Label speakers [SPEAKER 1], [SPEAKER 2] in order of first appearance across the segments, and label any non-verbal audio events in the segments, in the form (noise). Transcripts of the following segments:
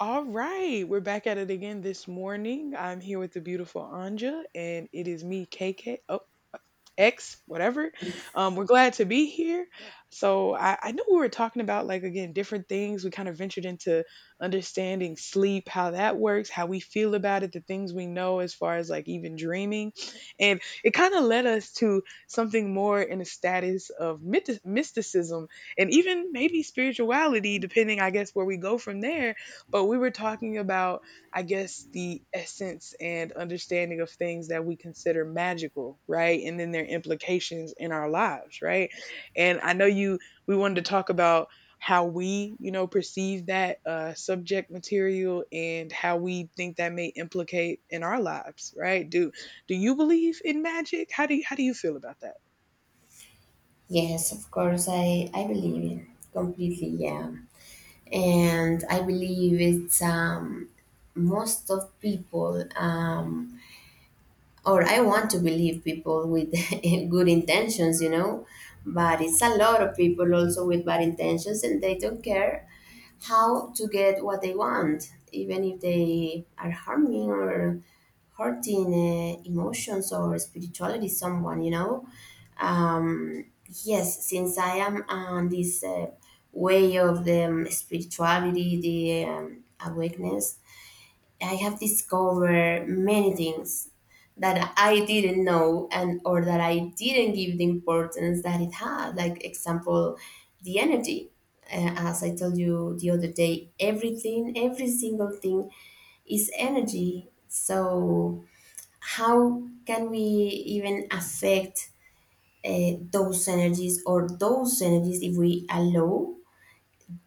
[SPEAKER 1] All right, we're back at it again this morning. I'm here with the beautiful Anja, and it is me, KK. Oh. X, whatever. We're glad to be here. So I know we were talking about like again different things. We kind of ventured into understanding sleep, how that works, how we feel about it, the things we know as far as like even dreaming, and it kind of led us to something more in a status of mysticism and even maybe spirituality, depending, I guess, where we go from there. But we were talking about, I guess, the essence and understanding of things that we consider magical, right? And then their implications in our lives, right? And we wanted to talk about how we, you know, perceive that subject material and how we think that may implicate in our lives, right? Do you believe in magic? How do you feel about that?
[SPEAKER 2] Yes, of course, I believe it completely, yeah. And I believe it's most of people, or I want to believe people with (laughs) good intentions, you know, but it's a lot of people also with bad intentions and they don't care how to get what they want, even if they are harming or hurting emotions or spirituality someone, you know um, yes, since I am on this way of the spirituality, the awakeness, I have discovered many things that I didn't know and or that I didn't give the importance that it had, like example, the energy. As I told you the other day, everything, every single thing is energy. So how can we even affect those energies, or those energies, if we allow,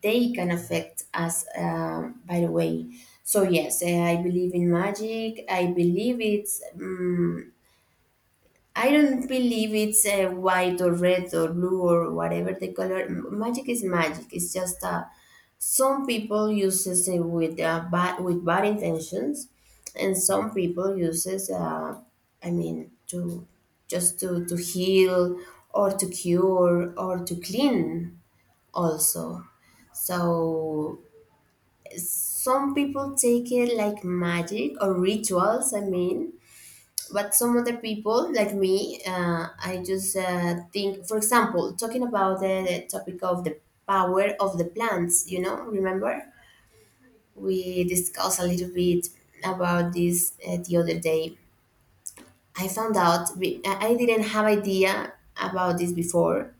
[SPEAKER 2] they can affect us by the way. So yes, I believe in magic. I believe it's I don't believe it's white or red or blue or whatever the color. Magic is magic. It's just a some people uses it with bad intentions, and some people uses I mean, to just to heal or to cure or to clean also. So some people take it like magic or rituals. I mean, but some other people like me, I just think. For example, talking about the topic of the power of the plants. You know, remember we discussed a little bit about this the other day. I found out I didn't have idea about this before,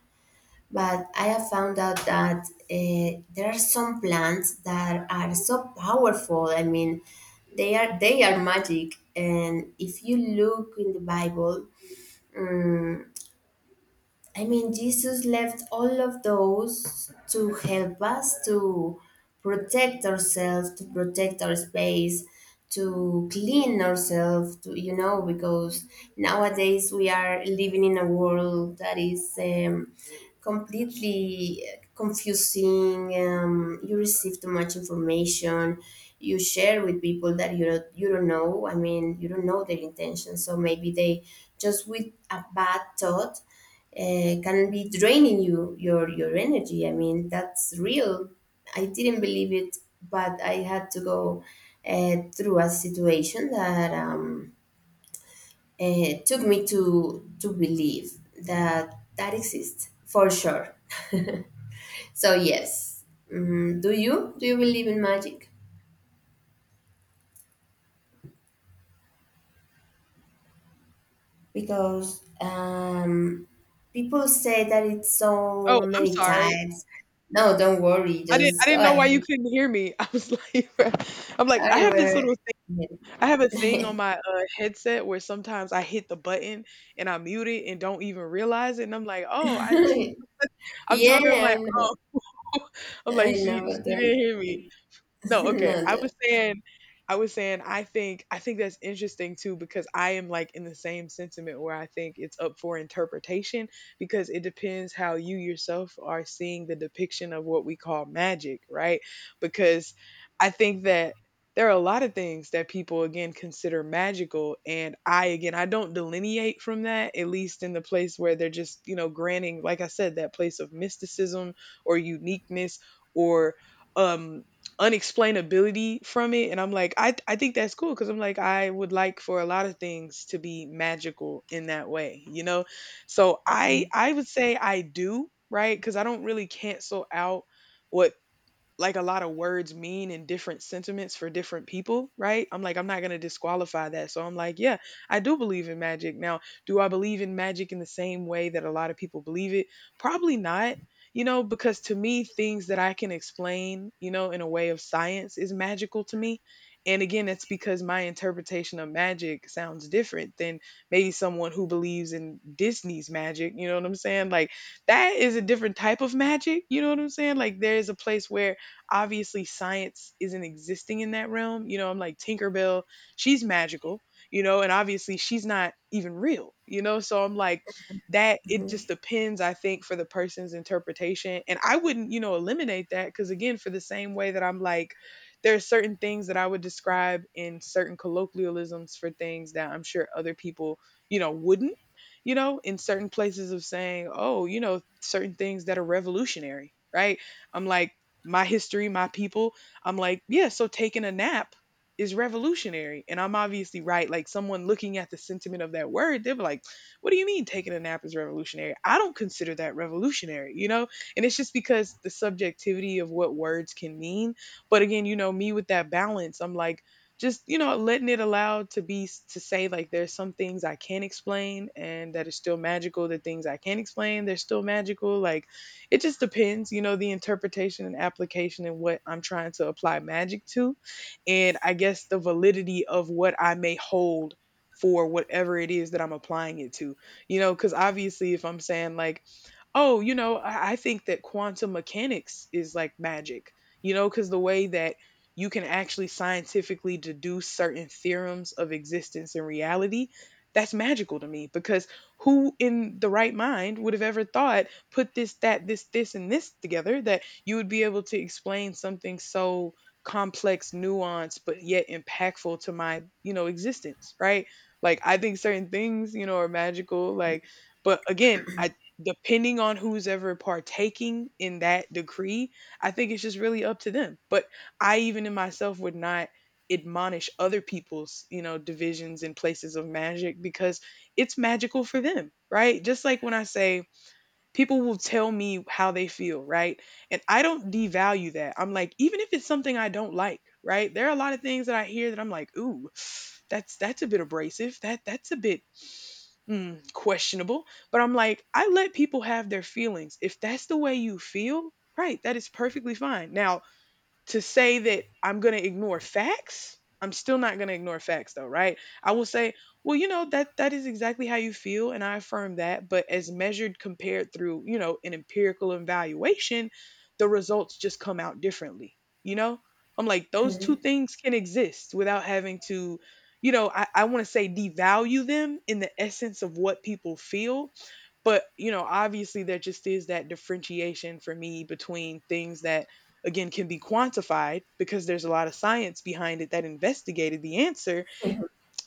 [SPEAKER 2] but I have found out that there are some plants that are so powerful. I mean, they are magic, and if you look in the Bible. mm, I mean, Jesus left all of those to help us to protect ourselves, to protect our space, to clean ourselves, to, you know, because nowadays we are living in a world that is completely confusing. You receive too much information. You share with people that you don't know. I mean, you don't know their intentions. So maybe they just with a bad thought can be draining your energy. I mean, that's real. I didn't believe it, but I had to go through a situation that took me to believe that that exists for sure. So yes. Do you do you believe in magic? Because people say that it's so
[SPEAKER 1] Oh, I'm
[SPEAKER 2] many
[SPEAKER 1] sorry.
[SPEAKER 2] types. No, don't worry,
[SPEAKER 1] I didn't I
[SPEAKER 2] just go
[SPEAKER 1] didn't know why you
[SPEAKER 2] ahead
[SPEAKER 1] couldn't hear me. (laughs) I was like bruh. I'm like, I have this
[SPEAKER 2] anywhere.
[SPEAKER 1] little thing. I have a thing on my
[SPEAKER 2] (laughs)
[SPEAKER 1] headset where sometimes I hit the button and I mute it and don't even realize it, and I'm like, "Oh, I
[SPEAKER 2] (laughs)
[SPEAKER 1] (laughs) I'm
[SPEAKER 2] Yeah,
[SPEAKER 1] talking," I'm like,
[SPEAKER 2] I know.
[SPEAKER 1] "Oh." (laughs) I'm
[SPEAKER 2] I
[SPEAKER 1] like, she
[SPEAKER 2] know. But,
[SPEAKER 1] she didn't hear me.
[SPEAKER 2] it- (laughs)
[SPEAKER 1] No, okay.
[SPEAKER 2] No, the-
[SPEAKER 1] I was saying, I think that's interesting too, because I am like in the same sentiment where I think it's up for interpretation because it depends how you yourself are seeing the depiction of what we call magic, right? Because I think that there are a lot of things that people again consider magical, and I, again, I don't delineate from that, at least in the place where they're just, you know, granting, like I said, that place of mysticism or uniqueness or um unexplainability from it. And I'm like, I think that's cool because I'm like, I would like for a lot of things to be magical in that way, you know. So i
[SPEAKER 2] Mhm.
[SPEAKER 1] i would say I do, right? Because I don't really cancel out what, like, a lot of words mean and different sentiments for different people, right? I'm like, I'm not going to disqualify that. So I'm like, yeah, I do believe in magic. Now, do I believe in magic in the same way that a lot of people believe it? Probably not, you know, because to me, things that I can explain, you know, in a way of science is magical to me. And again, that's because my interpretation of magic sounds different than maybe someone who believes in Disney's magic. You know what I'm saying? Like, that is a different type of magic. You know what I'm saying? Like, there is a place where obviously science isn't existing in that realm. You know, I'm like, Tinkerbell, she's magical, you know, and obviously she's not even real, you know? So I'm like, that it
[SPEAKER 2] Mhm.
[SPEAKER 1] just depends, I think, for the person's interpretation. And I wouldn't, you know, eliminate that, cuz again, for the same way that I'm like, there are certain things that I would describe in certain colloquialisms for things that I'm sure other people, you know, wouldn't, you know, in certain places of saying, "Oh, you know, certain things that are revolutionary." Right? I'm like, my history, my people. I'm like, yeah, so taking a nap is revolutionary. And I'm obviously right. Like, someone looking at the sentiment of that word, they'll be like, what do you mean taking a nap is revolutionary? I don't consider that revolutionary, you know? And it's just because the subjectivity of what words can mean. But again, you know, me with that balance, I'm like, just, you know, letting it allowed to be, to say like, there's some things I can not explain and that are still magical. The things I can not explain, they're still magical. Like, it just depends, you know, the interpretation and application and what I'm trying to apply magic to. And I guess the validity of what I may hold for whatever it is that I'm applying it to, you know, because obviously if I'm saying like, oh, you know, I think that quantum mechanics is like magic, you know, because the way that you can actually scientifically deduce certain theorems of existence and reality, that's magical to me because who in the right mind would have ever thought put this, that, this, and this together that you would be able to explain something so complex, nuanced, but yet impactful to my, you know, existence, right? Like, I think certain things, you know, are magical. Like, but again, I, depending on who's ever partaking in that decree, I think it's just really up to them. But I, even in myself, would not admonish other people's, you know, divisions and places of magic because it's magical for them, right? Just like when I say, people will tell me how they feel, right? And I don't devalue that. I'm like, even if it's something I don't like, right? There are a lot of things that I hear that I'm like, ooh, that's a bit abrasive. That's a bit questionable. But I'm like, I let people have their feelings. If that's the way you feel, right, that is perfectly fine. Now, to say that I'm going to ignore facts, I'm still not going to ignore facts though, right? I will say, well, you know, that is exactly how you feel and I affirm that, but as measured compared through, you know, an empirical evaluation, the results just come out differently. You know? I'm like, those two things can exist without having to, you know, I want to say devalue them in the essence of what people feel. But, you know, obviously there just is that differentiation for me between things that again can be quantified because there's a lot of science behind it that investigated the answer,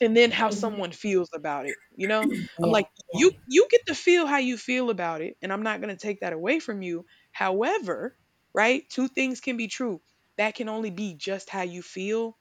[SPEAKER 1] and then how
[SPEAKER 2] Mhm.
[SPEAKER 1] someone feels about it, you know. I'm
[SPEAKER 2] Yeah,
[SPEAKER 1] like,
[SPEAKER 2] yeah.
[SPEAKER 1] you get to feel how you feel about it, and I'm not going to take that away from you. However, right, two things can be true, that can only be just how you feel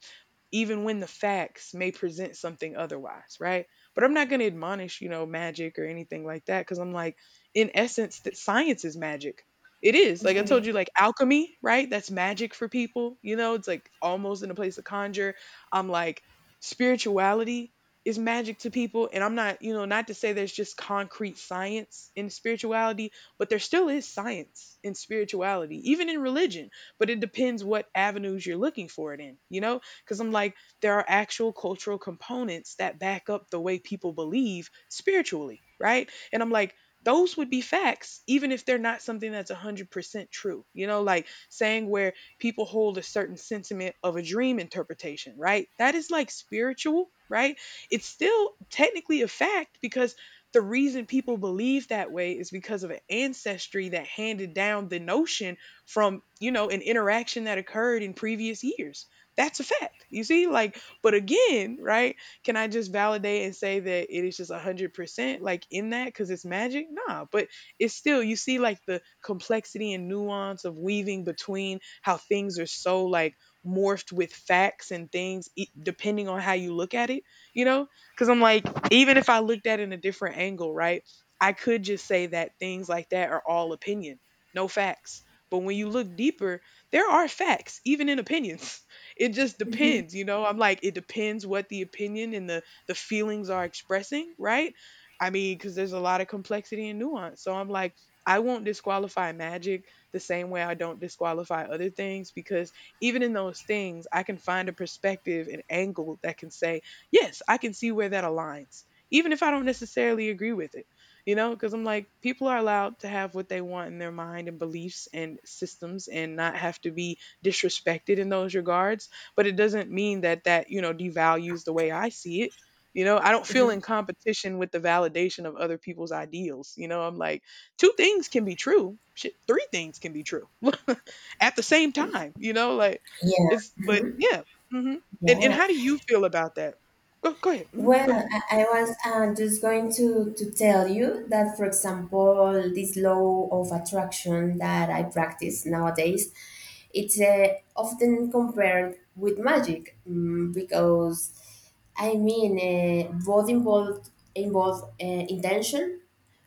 [SPEAKER 1] even when the facts may present something otherwise, right? But I'm not going to admonish, you know, magic or anything like that because I'm like, in essence, that science is magic. It is. Like I told
[SPEAKER 2] Mhm.
[SPEAKER 1] you, like alchemy, right? That's magic for people. You know, it's like almost in a place of conjure. I'm like, spirituality is magic to people. And I'm not, you know, not to say there's just concrete science in spirituality, but there still is science in spirituality, even in religion. But it depends what avenues you're looking for it in, you know? Because I'm like, there are actual cultural components that back up the way people believe spiritually, right? And I'm like, those would be facts, even if they're not something that's 100% true. You know, like saying where people hold a certain sentiment of a dream interpretation, right? That is like spiritual, right? It's still technically a fact because the reason people believe that way is because of an ancestry that handed down the notion from, you know, an interaction that occurred in previous years. That's a fact. You see, like, but again, right? Can I just validate and say that it is just 100% like in that because it's magic? Nah, but it's still, you see, like the complexity and nuance of weaving between how things are so like morphed with facts and things depending on how you look at it, you know? Because I'm like, even if I looked at it in a different angle, right? I could just say that things like that are all opinion, no facts. But when you look deeper, there are facts, even in opinions. (laughs) It just
[SPEAKER 2] Mhm.
[SPEAKER 1] depends, you know. I'm like, it depends what the opinion and the feelings are expressing, right? I mean, because there's a lot of complexity and nuance. So I'm like, I won't disqualify magic the same way I don't disqualify other things because even in those things, I can find a perspective and angle that can say, yes, I can see where that aligns, even if I don't necessarily agree with it, you know, because I'm like, people are allowed to have what they want in their mind and beliefs and systems and not have to be disrespected in those regards, but it doesn't mean that devalues the way I see it. I don't feel in
[SPEAKER 2] Mhm.
[SPEAKER 1] competition with the validation of other people's ideals, you know. I'm like, two things can be true, shit, three things can be true (laughs) at the same time, you know, like, it's, but
[SPEAKER 2] Yeah.
[SPEAKER 1] yeah. Hmm. And
[SPEAKER 2] Yeah.
[SPEAKER 1] how do you feel about that? Go, go ahead. Hmm,
[SPEAKER 2] Well,
[SPEAKER 1] go ahead.
[SPEAKER 2] I was just going to tell you that, for example, this law of attraction that I practice nowadays, it's often compared with magic, because, I mean, both involve intention,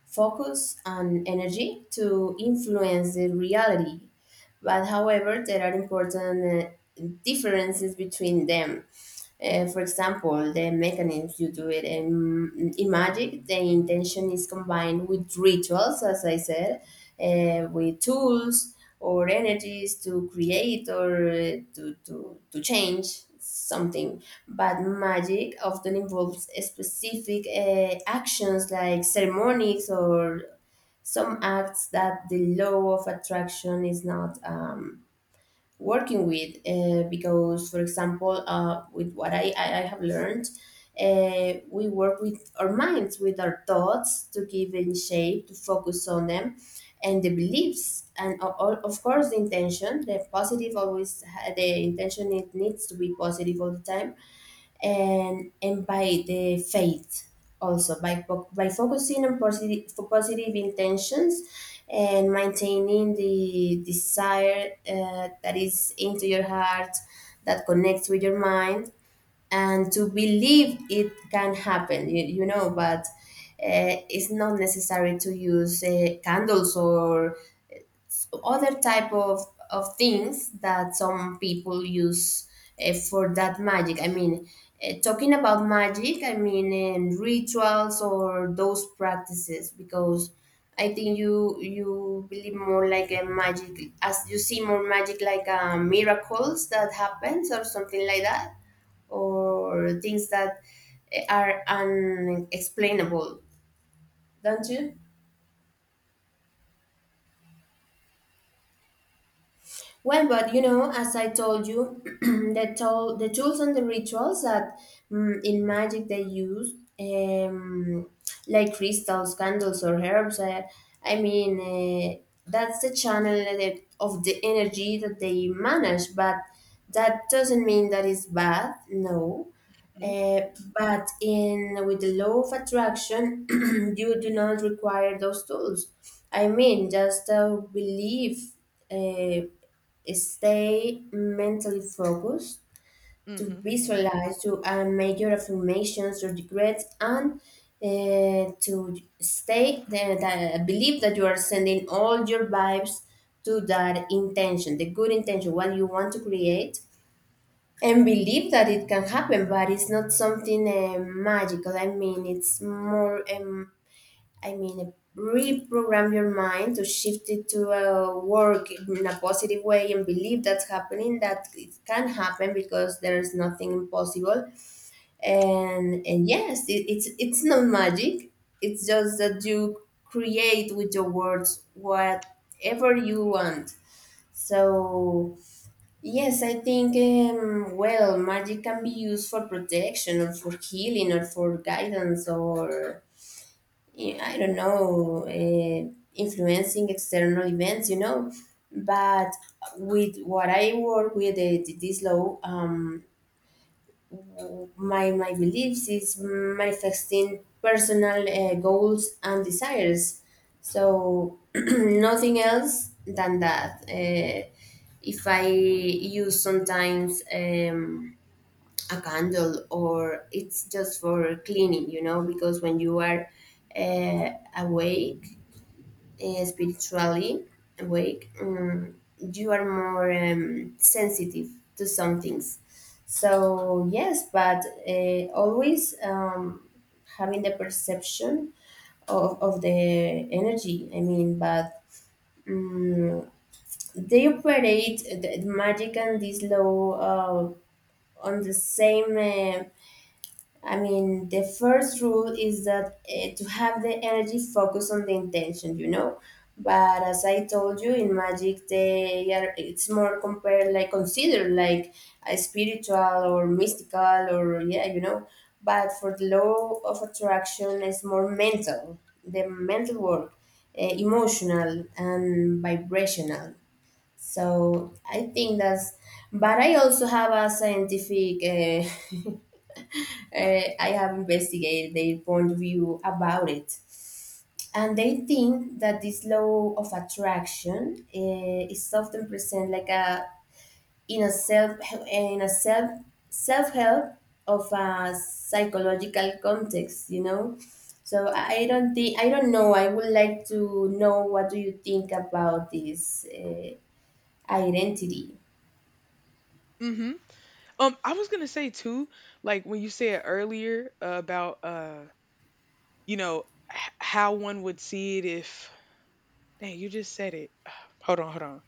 [SPEAKER 2] focus and energy to influence the reality. But however, there are important differences between them. For example, the mechanisms you do it in magic, the intention is combined with rituals, as I said, with tools or energies to create or to change something. But magic often involves specific actions like ceremonies or some acts that the law of attraction is not. Working with because for example with what I have learned, we work with our minds, with our thoughts, to give in shape, to focus on them and the beliefs, and of course the intention, the positive, the intention, it needs to be positive all the time, and by the faith, also by focusing on positive, for positive intentions, and maintaining the desire that is into your heart, that connects with your mind, and to believe it can happen, you know. But it's not necessary to use candles or other of things that some people use for that magic. I mean, talking about magic, I mean rituals or those practices, because I think you believe more like a magic, as you see more magic, like miracles that happens or something like that, or things that are unexplainable, don't you? Well, but you know, as I told you, (clears throat) the tool, the tools and the rituals that in magic they use, um, like crystals, candles, or herbs. I mean, that's the channel of the energy that they manage. But that doesn't mean that it's bad. No.
[SPEAKER 1] Hmm.
[SPEAKER 2] Uh, but in with the law of attraction, (clears throat) you do not require those tools. I mean, just a belief. Uh, Stay mentally focused, to
[SPEAKER 1] Hmm.
[SPEAKER 2] visualize, to make your affirmations, your regrets, and to stay the believe that you are sending all your vibes to that intention, the good intention, what you want to create, and believe that it can happen. But it's not something magical. I mean, it's more, I mean, reprogram your mind to shift it to work in a positive way and believe that's happening, that it can happen, because there's nothing impossible. And yes, it's not magic. It's just that you create with your words whatever you want. So yes, I think well, magic can be used for protection or for healing or for guidance or I don't know, influencing external events, you know. But with what I work with this law, my beliefs is manifesting personal goals and desires. So (clears throat) nothing else than that. If I use sometimes. A candle, or it's just for cleaning, you know, because when you are uh, awake, spiritually awake, you are more sensitive to some things. So, yes, but always having the perception of the energy, I mean, but um, they operate the magic and this law on the same. I mean, the first rule is that to have the energy focus on the intention, you know. But as I told you, in magic, they are it's more compared, like considered like a spiritual or mystical, or yeah, you know. But for the law of attraction, it's more mental, the mental work, emotional and vibrational. So I think that's. But I also have a scientific, I have investigated their point of view about it. And they think that this law of attraction is often present like a in a self in a self self help of a psychological context, you know. So I don't know. I would like to know what do you think about this identity.
[SPEAKER 1] Hmm. I was gonna say too, like when you said earlier about you know, how one would see it if, dang, you just said it. (sighs) Hold on, hold on.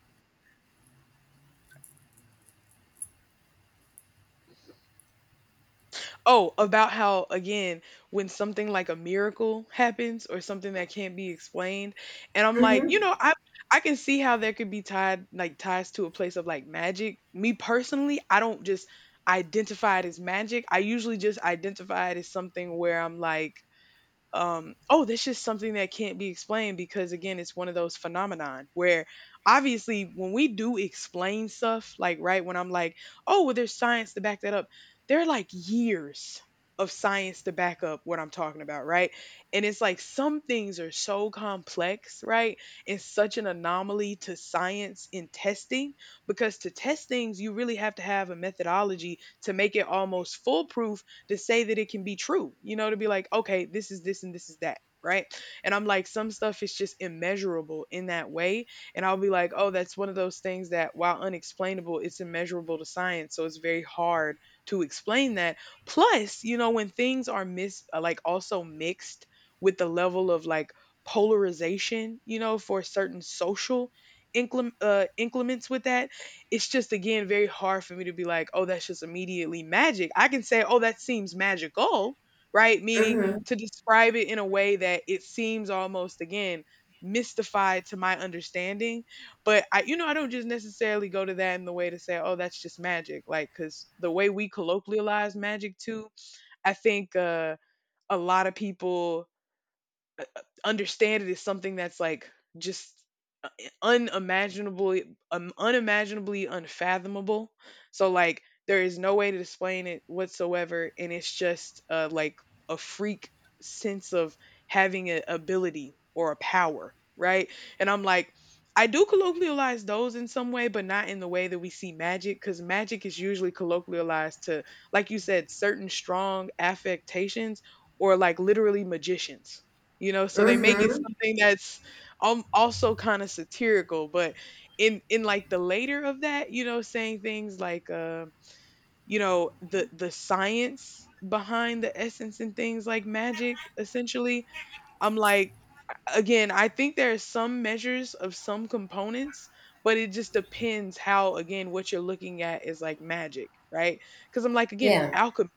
[SPEAKER 1] Oh, about how, again, when something like a miracle happens or something that can't be explained, and I'm like, you
[SPEAKER 2] Mm-hmm.
[SPEAKER 1] know, I can see how there could be tied like ties to a place of like magic. Me personally, I don't just identify it as magic. I usually just identify it as something where I'm like, oh, that's just something that can't be explained because, again, it's one of those phenomenon where obviously when we do explain stuff like, right, when I'm like, oh, well, there's science to back that up, there are like years of science to back up what I'm talking about, right? And it's like some things are so complex, right? And such an anomaly to science in testing, because to test things you really have to have a methodology to make it almost foolproof, to say that it can be true, you know, to be like, okay, this is this and this is that. Right. And I'm like, some stuff is just immeasurable in that way. And I'll be like, oh, that's one of those things that while unexplainable, it's immeasurable to science. So it's very hard to explain that. Plus, you know, when things are mis like also mixed with the level of like polarization, you know, for certain social inclements with that, it's just, again, very hard for me to be like, oh, that's just immediately magic. I can say, oh, that seems magical, right? Meaning
[SPEAKER 2] Mm-hmm.
[SPEAKER 1] to describe it in a way that it seems almost, again, mystified to my understanding. But I, you know, I don't just necessarily go to that in the way to say, oh, that's just magic. Like, because the way we colloquialize magic too, I think a lot of people understand it is something that's like just, uh, unimaginably unfathomable, so like there is no way to explain it whatsoever, and it's just, like a freak sense of having an ability or a power, right? And I'm like, I do colloquialize those in some way, but not in the way that we see magic, because magic is usually colloquialized to, like you said, certain strong affectations, or like literally magicians, you know, so they make it
[SPEAKER 2] Mm-hmm.
[SPEAKER 1] something that's also kind of satirical, but in like the later of that, you know, saying things like you know, the science behind the essence and things like magic essentially. I'm like, again, I think there are some measures of some components, but it just depends how, again, what you're looking at is like magic, right? Because I'm like, again,
[SPEAKER 2] Yeah.
[SPEAKER 1] alchemy.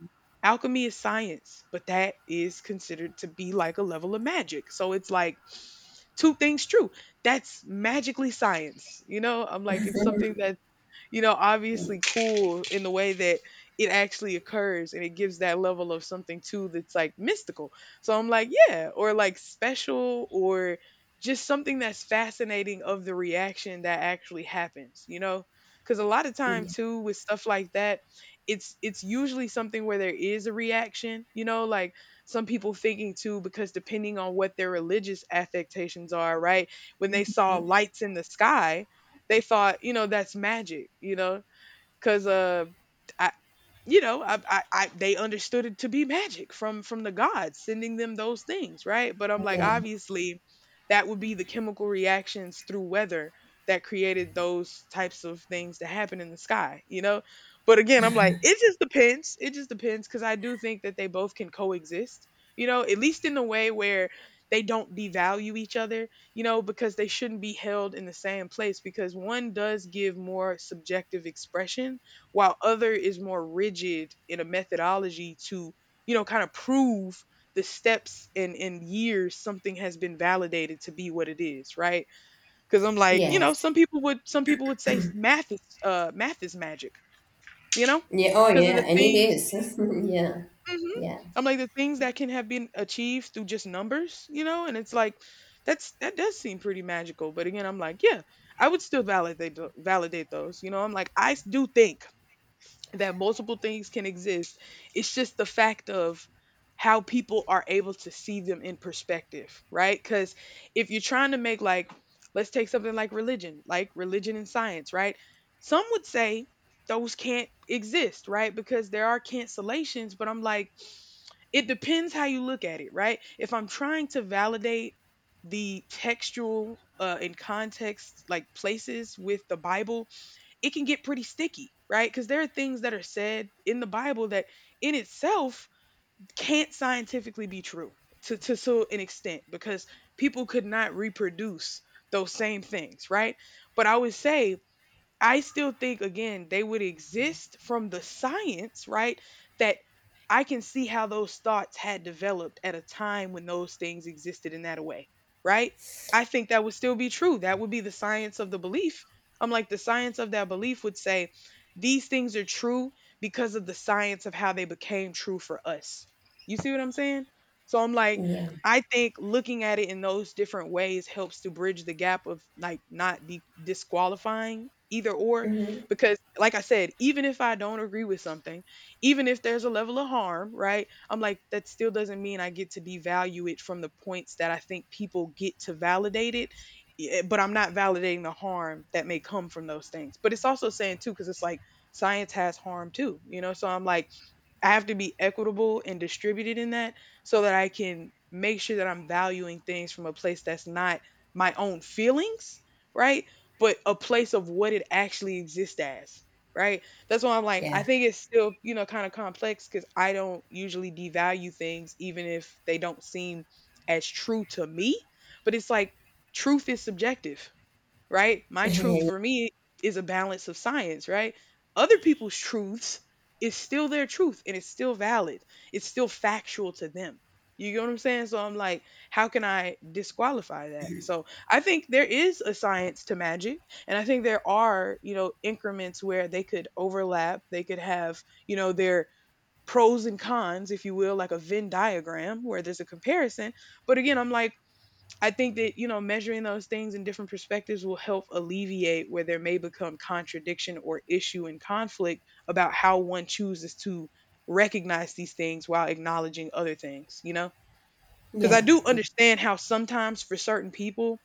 [SPEAKER 1] Alchemy is science, but that is considered to be like a level of magic. So it's like two things true. That's magically science. You know, I'm like, it's something that, you know, obviously cool in the way that it actually occurs, and it gives that level of something too that's like mystical. So I'm like, yeah, or like special, or just something that's fascinating of the reaction that actually happens, you know? Cuz a lot of time
[SPEAKER 2] Yeah.
[SPEAKER 1] too with stuff like that, it's usually something where there is a reaction, you know, like some people thinking too, because depending on what their religious affectations are, right? When they saw lights in the sky, they thought, you know, that's magic, you know, because I, you know, they understood it to be magic from the gods sending them those things, right? But I'm like,
[SPEAKER 2] Yeah.
[SPEAKER 1] obviously, that would be the chemical reactions through weather that created those types of things to happen in the sky, you know. But again, I'm like, it just depends. It just depends, because I do think that they both can coexist, you know, at least in the way where they don't devalue each other, you know, because they shouldn't be held in the same place, because one does give more subjective expression, while other is more rigid in a methodology to, you know, kind of prove the steps, and in years something has been validated to be what it is, right? Because I'm like, you know,
[SPEAKER 2] Yes.
[SPEAKER 1] some people would say math is magic, you know,
[SPEAKER 2] Yeah. Oh,
[SPEAKER 1] because of
[SPEAKER 2] yeah.
[SPEAKER 1] the
[SPEAKER 2] And it
[SPEAKER 1] things.
[SPEAKER 2] is. (laughs) Yeah.
[SPEAKER 1] Hmm.
[SPEAKER 2] Yeah.
[SPEAKER 1] I'm like, the things that can have been achieved through just numbers, you know, and it's like that's, that does seem pretty magical, but again, I'm like, yeah, I would still validate validate those, you know. I'm like, I am like I do think that multiple things can exist. It's just the fact of how people are able to see them in perspective, right? Because if you're trying to make, like, let's take something like religion and science, right? Some would say those can't exist, right? Because there are cancellations, but I'm like, it depends how you look at it, right? If I'm trying to validate the textual and context, like places with the Bible, it can get pretty sticky, right? Because there are things that are said in the Bible that in itself can't scientifically be true to so an extent, because people could not reproduce those same things, right? But I would say I still think, again, they would exist from the science, right? That I can see how those thoughts had developed at a time when those things existed in that way, right? I think that would still be true. That would be the science of the belief. I'm like, the science of that belief would say these things are true because of the science of how they became true for us. You see what I'm saying? So I'm like,
[SPEAKER 2] Yeah.
[SPEAKER 1] I think looking at it in those different ways helps to bridge the gap of like not disqualifying either or,
[SPEAKER 2] Hmm.
[SPEAKER 1] because like I said, even if I don't agree with something, even if there's a level of harm, right, I'm like, that still doesn't mean I get to devalue it from the points that I think people get to validate it. Eh, but I'm not validating the harm that may come from those things, but it's also saying too, cuz it's like, science has harm too, you know, so I'm like, I have to be equitable and distributed in that, so that I can make sure that I'm valuing things from a place that's not my own feelings, right? But a place of what it actually exists as, right? That's why I'm like, I
[SPEAKER 2] Yeah.
[SPEAKER 1] think it's still, you know, kind of complex, because I don't usually devalue things even if they don't seem as true to me. But it's like, truth is subjective, right? My
[SPEAKER 2] (laughs)
[SPEAKER 1] truth
[SPEAKER 2] Yeah.
[SPEAKER 1] for me is a balance of science, right? Other people's truths is still their truth and it's still valid. It's still factual to them. You get what I'm saying? So I'm like, how can I disqualify that? So I think there is a science to magic. And I think there are, you know, increments where they could overlap. They could have, you know, their pros and cons, if you will, like a Venn diagram where there's a comparison. But again, I'm like, I think that, you know, measuring those things in different perspectives will help alleviate where there may become contradiction or issue and conflict about how one chooses to recognize these things while acknowledging other things, you know? Because I
[SPEAKER 2] Yeah.
[SPEAKER 1] do understand how sometimes for certain people,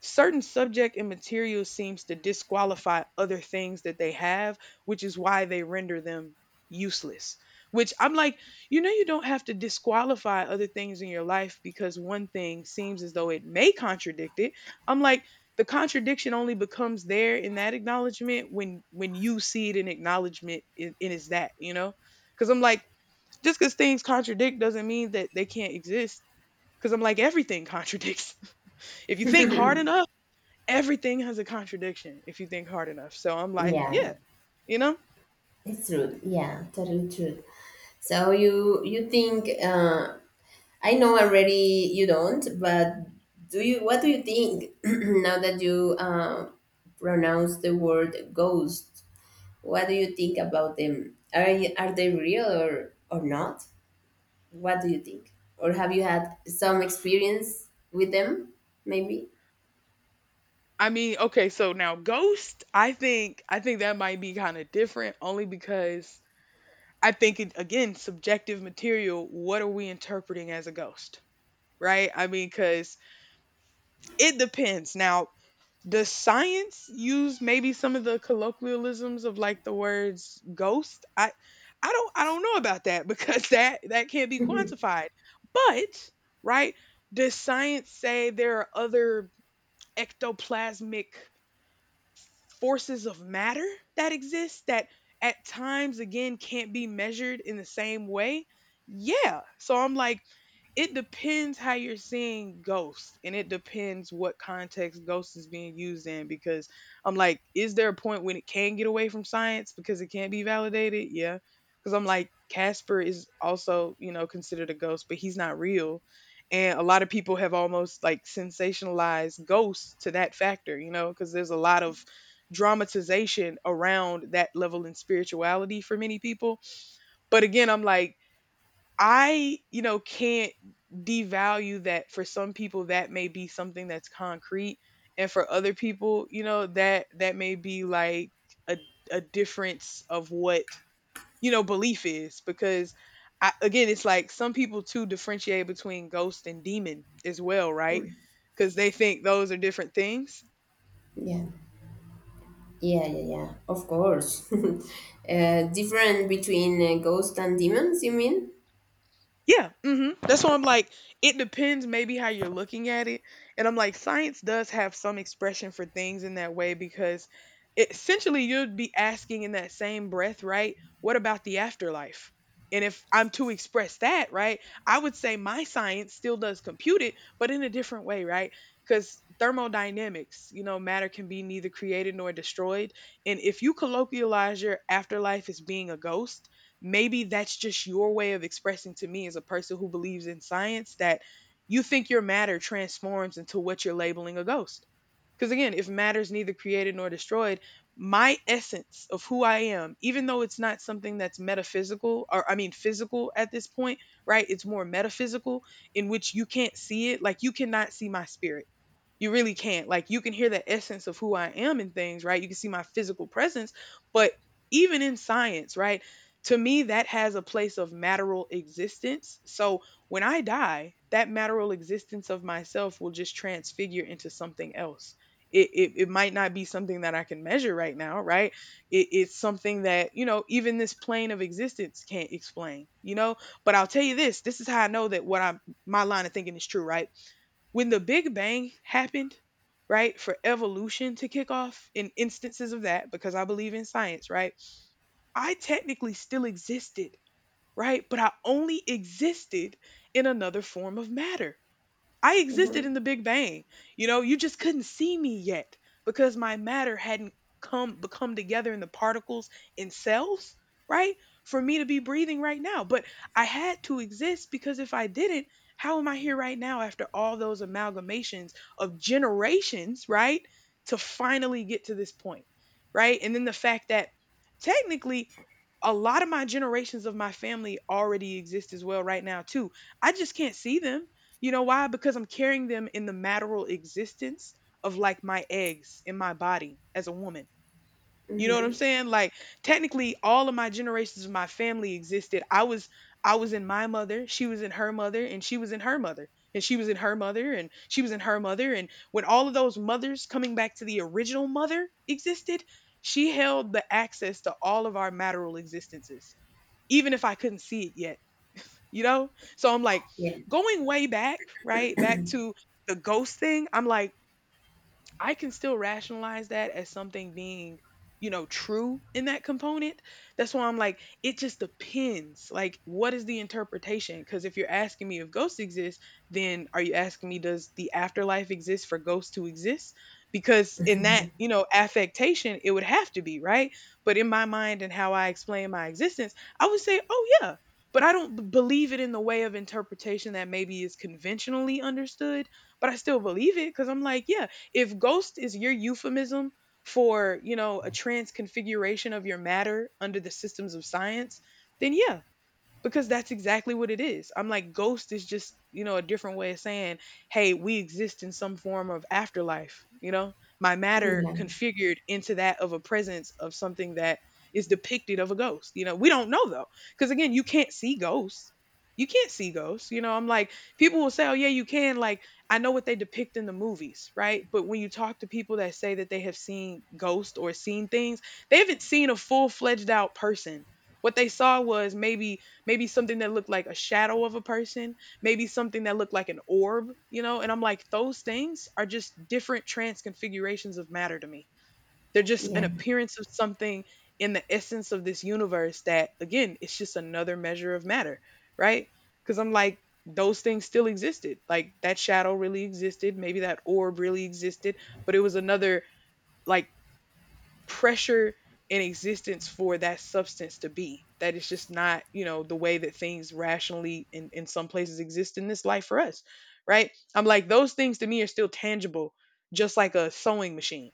[SPEAKER 1] certain subject and material seems to disqualify other things that they have, which is why they render them useless. Which I'm like, you know, you don't have to disqualify other things in your life because one thing seems as though it may contradict it. I'm like, the contradiction only becomes there in that acknowledgement when you see it in acknowledgement and it's that, you know? Because I'm like, just because things contradict doesn't mean that they can't exist. Because I'm like, everything contradicts. (laughs) If you think hard enough, everything has a contradiction if you think hard enough. So I'm like,
[SPEAKER 2] Yeah.
[SPEAKER 1] yeah, you know?
[SPEAKER 2] It's true. Yeah. Totally true. So you think I know already you don't, but do you? What do you think (clears throat) now that you pronounce the word ghost? What do you think about them? Are they real or not? What do you think? Or have you had some experience with them? Maybe.
[SPEAKER 1] I mean, okay, so now ghost, I think that might be kind of different only because I think it, again, subjective material, what are we interpreting as a ghost? Right? I mean, cuz it depends. Now, does science use maybe some of the colloquialisms of like the words ghost? I don't know about that, because (laughs) that can't be quantified. But, right, does science say there are other ectoplasmic forces of matter that exist that at times, again, can't be measured in the same way? Yeah. So I'm like, it depends how you're seeing ghosts, and it depends what context ghosts is being used in. Because I'm like, is there a point when it can get away from science because it can't be validated? Yeah, because I'm like, Casper is also, you know, considered a ghost, but he's not real. And a lot of people have almost like sensationalized ghosts to that factor, you know, because there's a lot of dramatization around that level in spirituality for many people. But again, I'm like, I, you know, can't devalue that. For some people that may be something that's concrete, and for other people, you know, that that may be like a a difference of what, you know, belief is. Because I, again, it's like some people too differentiate between ghost and demon as well, right? Cuz they think those are different things.
[SPEAKER 2] Yeah, yeah, yeah, yeah. Of course. (laughs) Different between ghosts and demons, you mean?
[SPEAKER 1] Yeah, mhm. That's why I'm like, it depends maybe how you're looking at it. And I'm like, science does have some expression for things in that way, because it, essentially you'd be asking in that same breath, right? What about the afterlife? And if I'm to express that, right, I would say my science still does compute it, but in a different way, right? Because thermodynamics, you know, matter can be neither created nor destroyed. And if you colloquialize your afterlife as being a ghost, maybe that's just your way of expressing to me as a person who believes in science that you think your matter transforms into what you're labeling a ghost. Because again, if matter is neither created nor destroyed, my essence of who I am, even though it's not something that's metaphysical, or I mean physical at this point, right? It's more metaphysical in which you can't see it. Like you cannot see my spirit, you really can't. Like you can hear the essence of who I am in things, right? You can see my physical presence, but even in science, right? To me, that has a place of matteral existence. So when I die, that matteral existence of myself will just transfigure into something else. It might not be something that I can measure right now, right? It's something that, you know, even this plane of existence can't explain, you know? But I'll tell you this, this is how I know that what I'm, my line of thinking is true, right? When the Big Bang happened, right, for evolution to kick off in instances of that, because I believe in science, right, I technically still existed, right, but I only existed in another form of matter. I existed
[SPEAKER 2] Mm-hmm.
[SPEAKER 1] in the Big Bang. You know, you just couldn't see me yet because my matter hadn't come become together in the particles in cells, right? For me to be breathing right now. But I had to exist, because if I didn't, how am I here right now after all those amalgamations of generations, right? To finally get to this point, right? And then the fact that technically a lot of my generations of my family already exist as well right now too. I just can't see them. You know why? Because I'm carrying them in the maternal existence of like my eggs in my body as a woman. You know what I'm
[SPEAKER 2] Mm-hmm.
[SPEAKER 1] saying? Like technically all of my generations of my family existed. I was in my mother, she was in her mother, and she was in her mother, and she was in her mother, and she was in her mother, and when all of those mothers coming back to the original mother existed, she held the access to all of our maternal existences, even if I couldn't see it yet, you know? So I'm like,
[SPEAKER 2] Yeah,
[SPEAKER 1] going way back, right? Back to the ghost thing. I'm like, I can still rationalize that as something being, you know, true in that component. That's why I'm like, it just depends. Like, what is the interpretation? Because if you're asking me if ghosts exist, then are you asking me, does the afterlife exist for ghosts to exist? Because in that, you know, affectation, it would have to be, right? But in my mind and how I explain my existence, I would say, oh, yeah. But I don't believe it in the way of interpretation that maybe is conventionally understood, but I still believe it because I'm like, yeah, if ghost is your euphemism for, you know, a transconfiguration of your matter under the systems of science, then yeah, because that's exactly what it is. I'm like, ghost is just, you know, a different way of saying, hey, we exist in some form of afterlife, you know? My matter
[SPEAKER 2] yeah,
[SPEAKER 1] configured into that of a presence of something that is depicted of a ghost. You know, we don't know though. Because again, you can't see ghosts. You can't see ghosts. You know, I'm like, people will say, oh, yeah, you can. Like, I know what they depict in the movies, right? But when you talk to people that say that they have seen ghosts or seen things, they haven't seen a full fledged out person. What they saw was maybe something that looked like a shadow of a person, maybe something that looked like an orb, you know? And I'm like, those things are just different transconfigurations of matter to me. They're just an
[SPEAKER 2] yeah,
[SPEAKER 1] appearance of something in the essence of this universe that, again, it's just another measure of matter, right? Because I'm like, those things still existed. Like that shadow really existed. Maybe that orb really existed, but it was another like pressure in existence for that substance to be. That is just not, you know, the way that things rationally in some places exist in this life for us, right? I'm like, those things to me are still tangible, just like a sewing machine,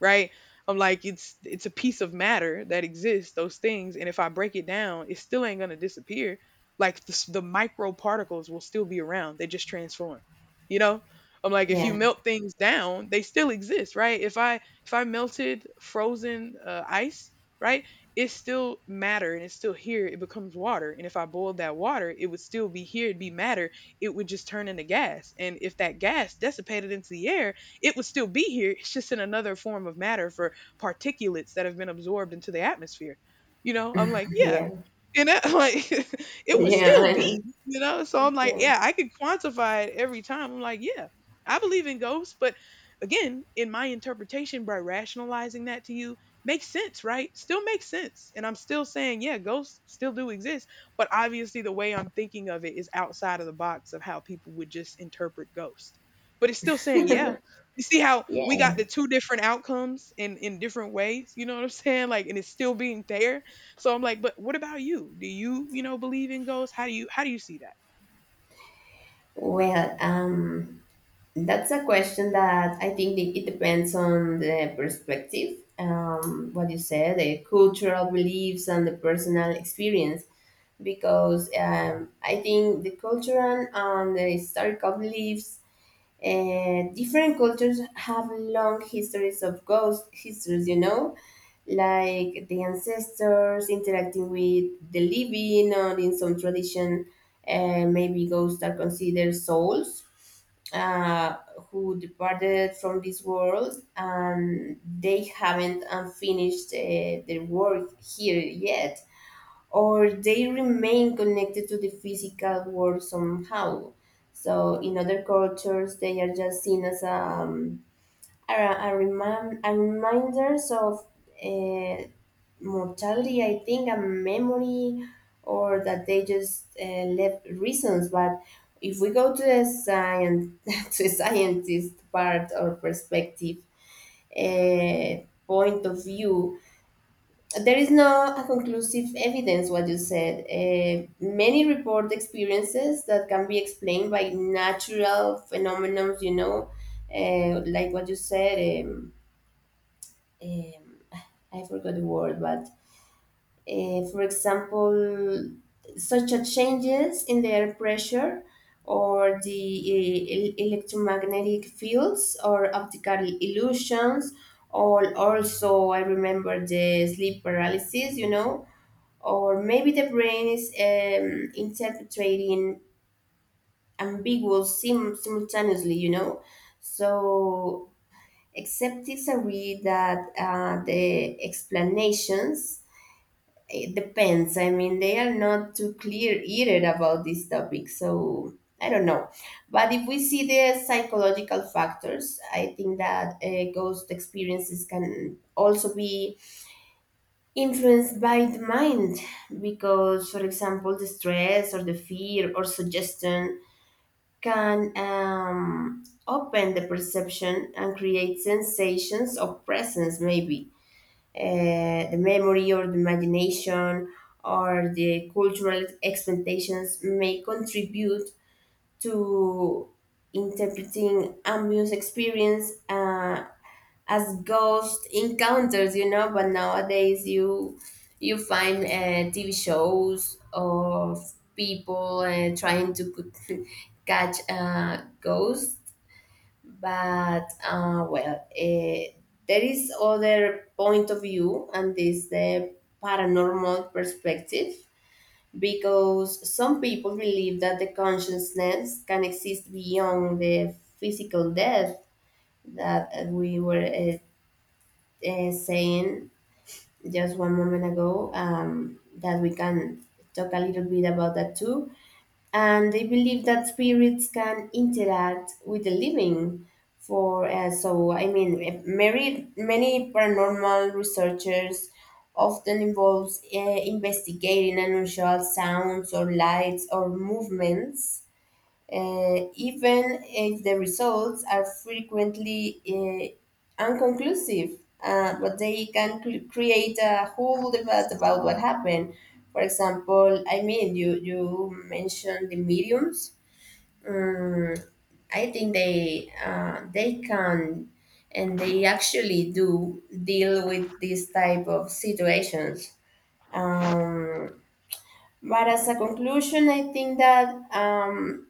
[SPEAKER 1] right? I'm like, it's a piece of matter that exists, those things, and if I break it down, it still ain't gonna disappear. Like the, the micro particles will still be around. They just transform. You know, I'm like, if you
[SPEAKER 2] yeah,
[SPEAKER 1] melt things down, they still exist, right? If I melted frozen ice, right, it's still matter and it's still here. It becomes water, and if I boiled that water, it would still be here. It'd be matter. It would just turn into gas, and if that gas dissipated into the air, it would still be here. It's just in another form of matter for particulates that have been absorbed into the atmosphere. You know, I'm like, yeah,
[SPEAKER 2] yeah,
[SPEAKER 1] and that (laughs) like, (laughs) it was still
[SPEAKER 2] yeah.
[SPEAKER 1] beat, you know? So
[SPEAKER 2] (laughs)
[SPEAKER 1] I'm like,
[SPEAKER 2] Yeah,
[SPEAKER 1] yeah, I could quantify it every time. I'm like, yeah, I believe in ghosts, but again, in my interpretation, by rationalizing that to you, makes sense, right? Still makes sense. And I'm still saying, yeah, ghosts still do exist, but obviously the way I'm thinking of it is outside of the box of how people would just interpret ghost. But it's still saying, yeah. You see how we got
[SPEAKER 2] yeah.
[SPEAKER 1] the two different outcomes in different ways, you know what I'm (laughs) saying? Like, and it's still being fair. So I'm like, but what about you? Do you, you know, believe in ghosts? How do you see that?
[SPEAKER 2] Well, that's a question that I think it depends on the perspective. What you said, the cultural beliefs and the personal experience, because I think the cultural and the historical beliefs. Different cultures have long histories of ghost histories, you know, like the ancestors interacting with the living, or in some tradition, maybe ghosts are considered souls uh, who departed from this world and they haven't finished their work here yet, or they remain connected to the physical world somehow. So in other cultures, they are just seen as a reminders of uh, mortality, I think, a memory, or that they just left reasons. But if we go to the science, (laughs) to the scientist part or perspective, point of view, there is no a conclusive evidence what you said. Eh, many report experiences that can be explained by natural phenomena, you know, eh, like what you said. um, I forgot the word, but for example, such as changes in the air pressure or the electromagnetic fields or optical illusions, or also I remember the sleep paralysis, you know, or maybe the brain is interpreting ambiguous simultaneously, you know. So, acceptance agree that the explanations it depends. I mean, they are not too clear either about this topic. So I don't know. But if we see the psychological factors, I think that ghost experiences can also be influenced by the mind because for example the stress or the fear or suggestion can open the perception and create sensations of presence maybe. uh, the memory or the imagination or the cultural expectations may contribute to interpreting ambient experience as ghost encounters. But nowadays, you find TV shows of people trying to (laughs) catch ghosts. But there is other point of view, and this the paranormal perspective. Because some people believe that the consciousness can exist beyond the physical death that we were saying just one moment ago that we can talk a little bit about that too. And they believe that spirits can interact with the living. For uh,
[SPEAKER 1] Mhm.
[SPEAKER 2] so, I mean, eh, many paranormal researchers often involves investigating unusual sounds or lights or movements even if the results are frequently inconclusive, but they can create a whole debate about what happened. For example, I mean, you mentioned the mediums. Um, I think they can and they actually do deal with these type of situations. Um, but as a conclusion, I think that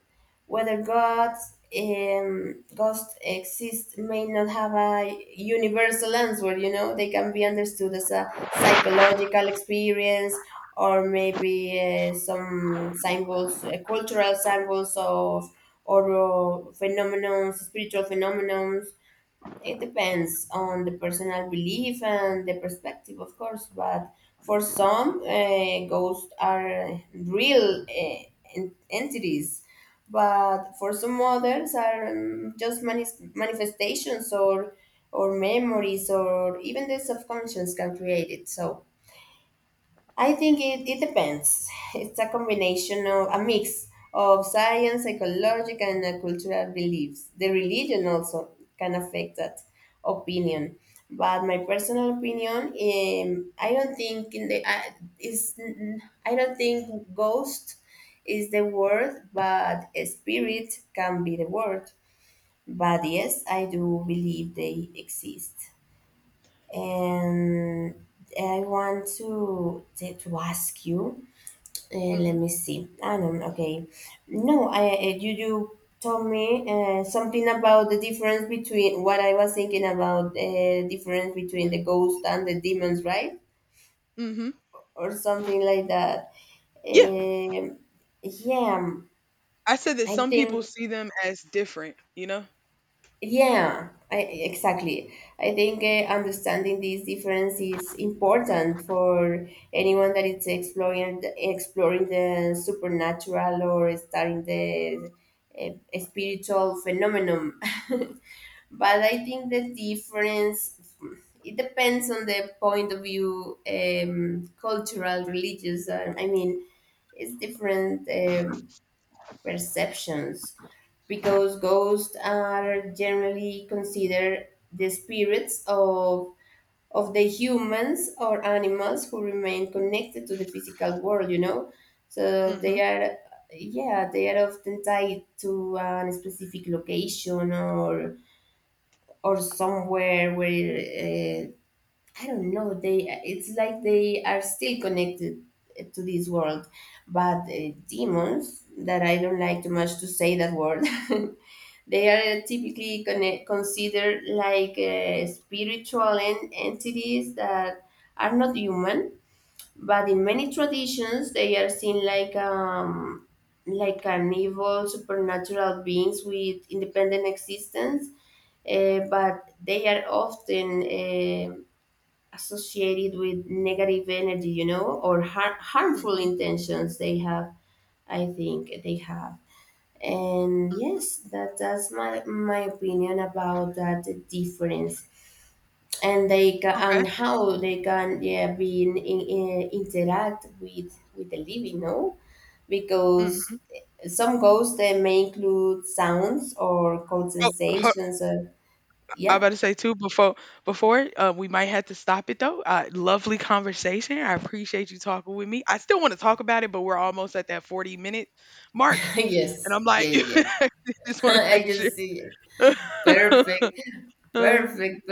[SPEAKER 2] whether God's ghosts exist may not have a universal answer, you know, they can be understood as a psychological experience or maybe some symbols, cultural symbols of or phenomenons, spiritual phenomenons. It depends on the personal belief and the perspective, of course, but for some, ghosts are real entities, but for some others are just manifestations or memories or even the subconscious can create it. So I think it depends. It's a combination of a mix of science, psychological, and cultural beliefs. The religion also can affect that opinion. But my personal opinion, I don't think ghost is the word, but spirit can be the word. But yes, I do believe they exist, and I want to ask you. Let
[SPEAKER 1] Mhm.
[SPEAKER 2] me see. I don't okay. No, I you told me something about the difference between what I was thinking about, difference between the ghost and the demons, right?
[SPEAKER 1] Mhm.
[SPEAKER 2] Or something like that.
[SPEAKER 1] Yeah.
[SPEAKER 2] Um yeah,
[SPEAKER 1] I said that
[SPEAKER 2] I
[SPEAKER 1] some people
[SPEAKER 2] think
[SPEAKER 1] see them as different, you know?
[SPEAKER 2] Yeah, exactly. I think understanding these differences is important for anyone that is exploring exploring the supernatural or studying the spiritual phenomenon. (laughs) But I think the difference it depends on the point of view, cultural, religious. I mean, it's different. Perceptions, because ghosts are generally considered the spirits of the humans or animals who remain connected to the physical world, you know, so they
[SPEAKER 1] Mhm.
[SPEAKER 2] are yeah, they are often tied to a specific location or somewhere where I don't know. They, it's like they are still connected to this world, but demons, that I don't like too much to say that word. (laughs) They are typically considered like spiritual entities that are not human, but in many traditions they are seen like an evil supernatural beings with independent existence, but they are often. um Associated with negative energy, you know, or harmful
[SPEAKER 1] Mhm.
[SPEAKER 2] intentions they have. I think they have, and
[SPEAKER 1] Mm.
[SPEAKER 2] yes, that's my opinion about that difference, and they can
[SPEAKER 1] Okay.
[SPEAKER 2] and how they can, yeah, be interact with the living, no, because
[SPEAKER 1] Mhm.
[SPEAKER 2] some ghosts they may include sounds or cold
[SPEAKER 1] Oh,
[SPEAKER 2] sensations or
[SPEAKER 1] I
[SPEAKER 2] yeah.
[SPEAKER 1] about to say too, before we might have to stop it though. Lovely conversation. I appreciate you talking with me. I still want to talk about it, but we're almost at that 40 minute mark,
[SPEAKER 2] (laughs)
[SPEAKER 1] and
[SPEAKER 2] Yes,
[SPEAKER 1] I'm like,
[SPEAKER 2] yeah,
[SPEAKER 1] (laughs)
[SPEAKER 2] yeah,
[SPEAKER 1] I just
[SPEAKER 2] yeah.
[SPEAKER 1] want to
[SPEAKER 2] (laughs) I
[SPEAKER 1] make
[SPEAKER 2] just
[SPEAKER 1] sure.
[SPEAKER 2] see.
[SPEAKER 1] (laughs)
[SPEAKER 2] Perfect,
[SPEAKER 1] Uh,
[SPEAKER 2] perfect, perfect.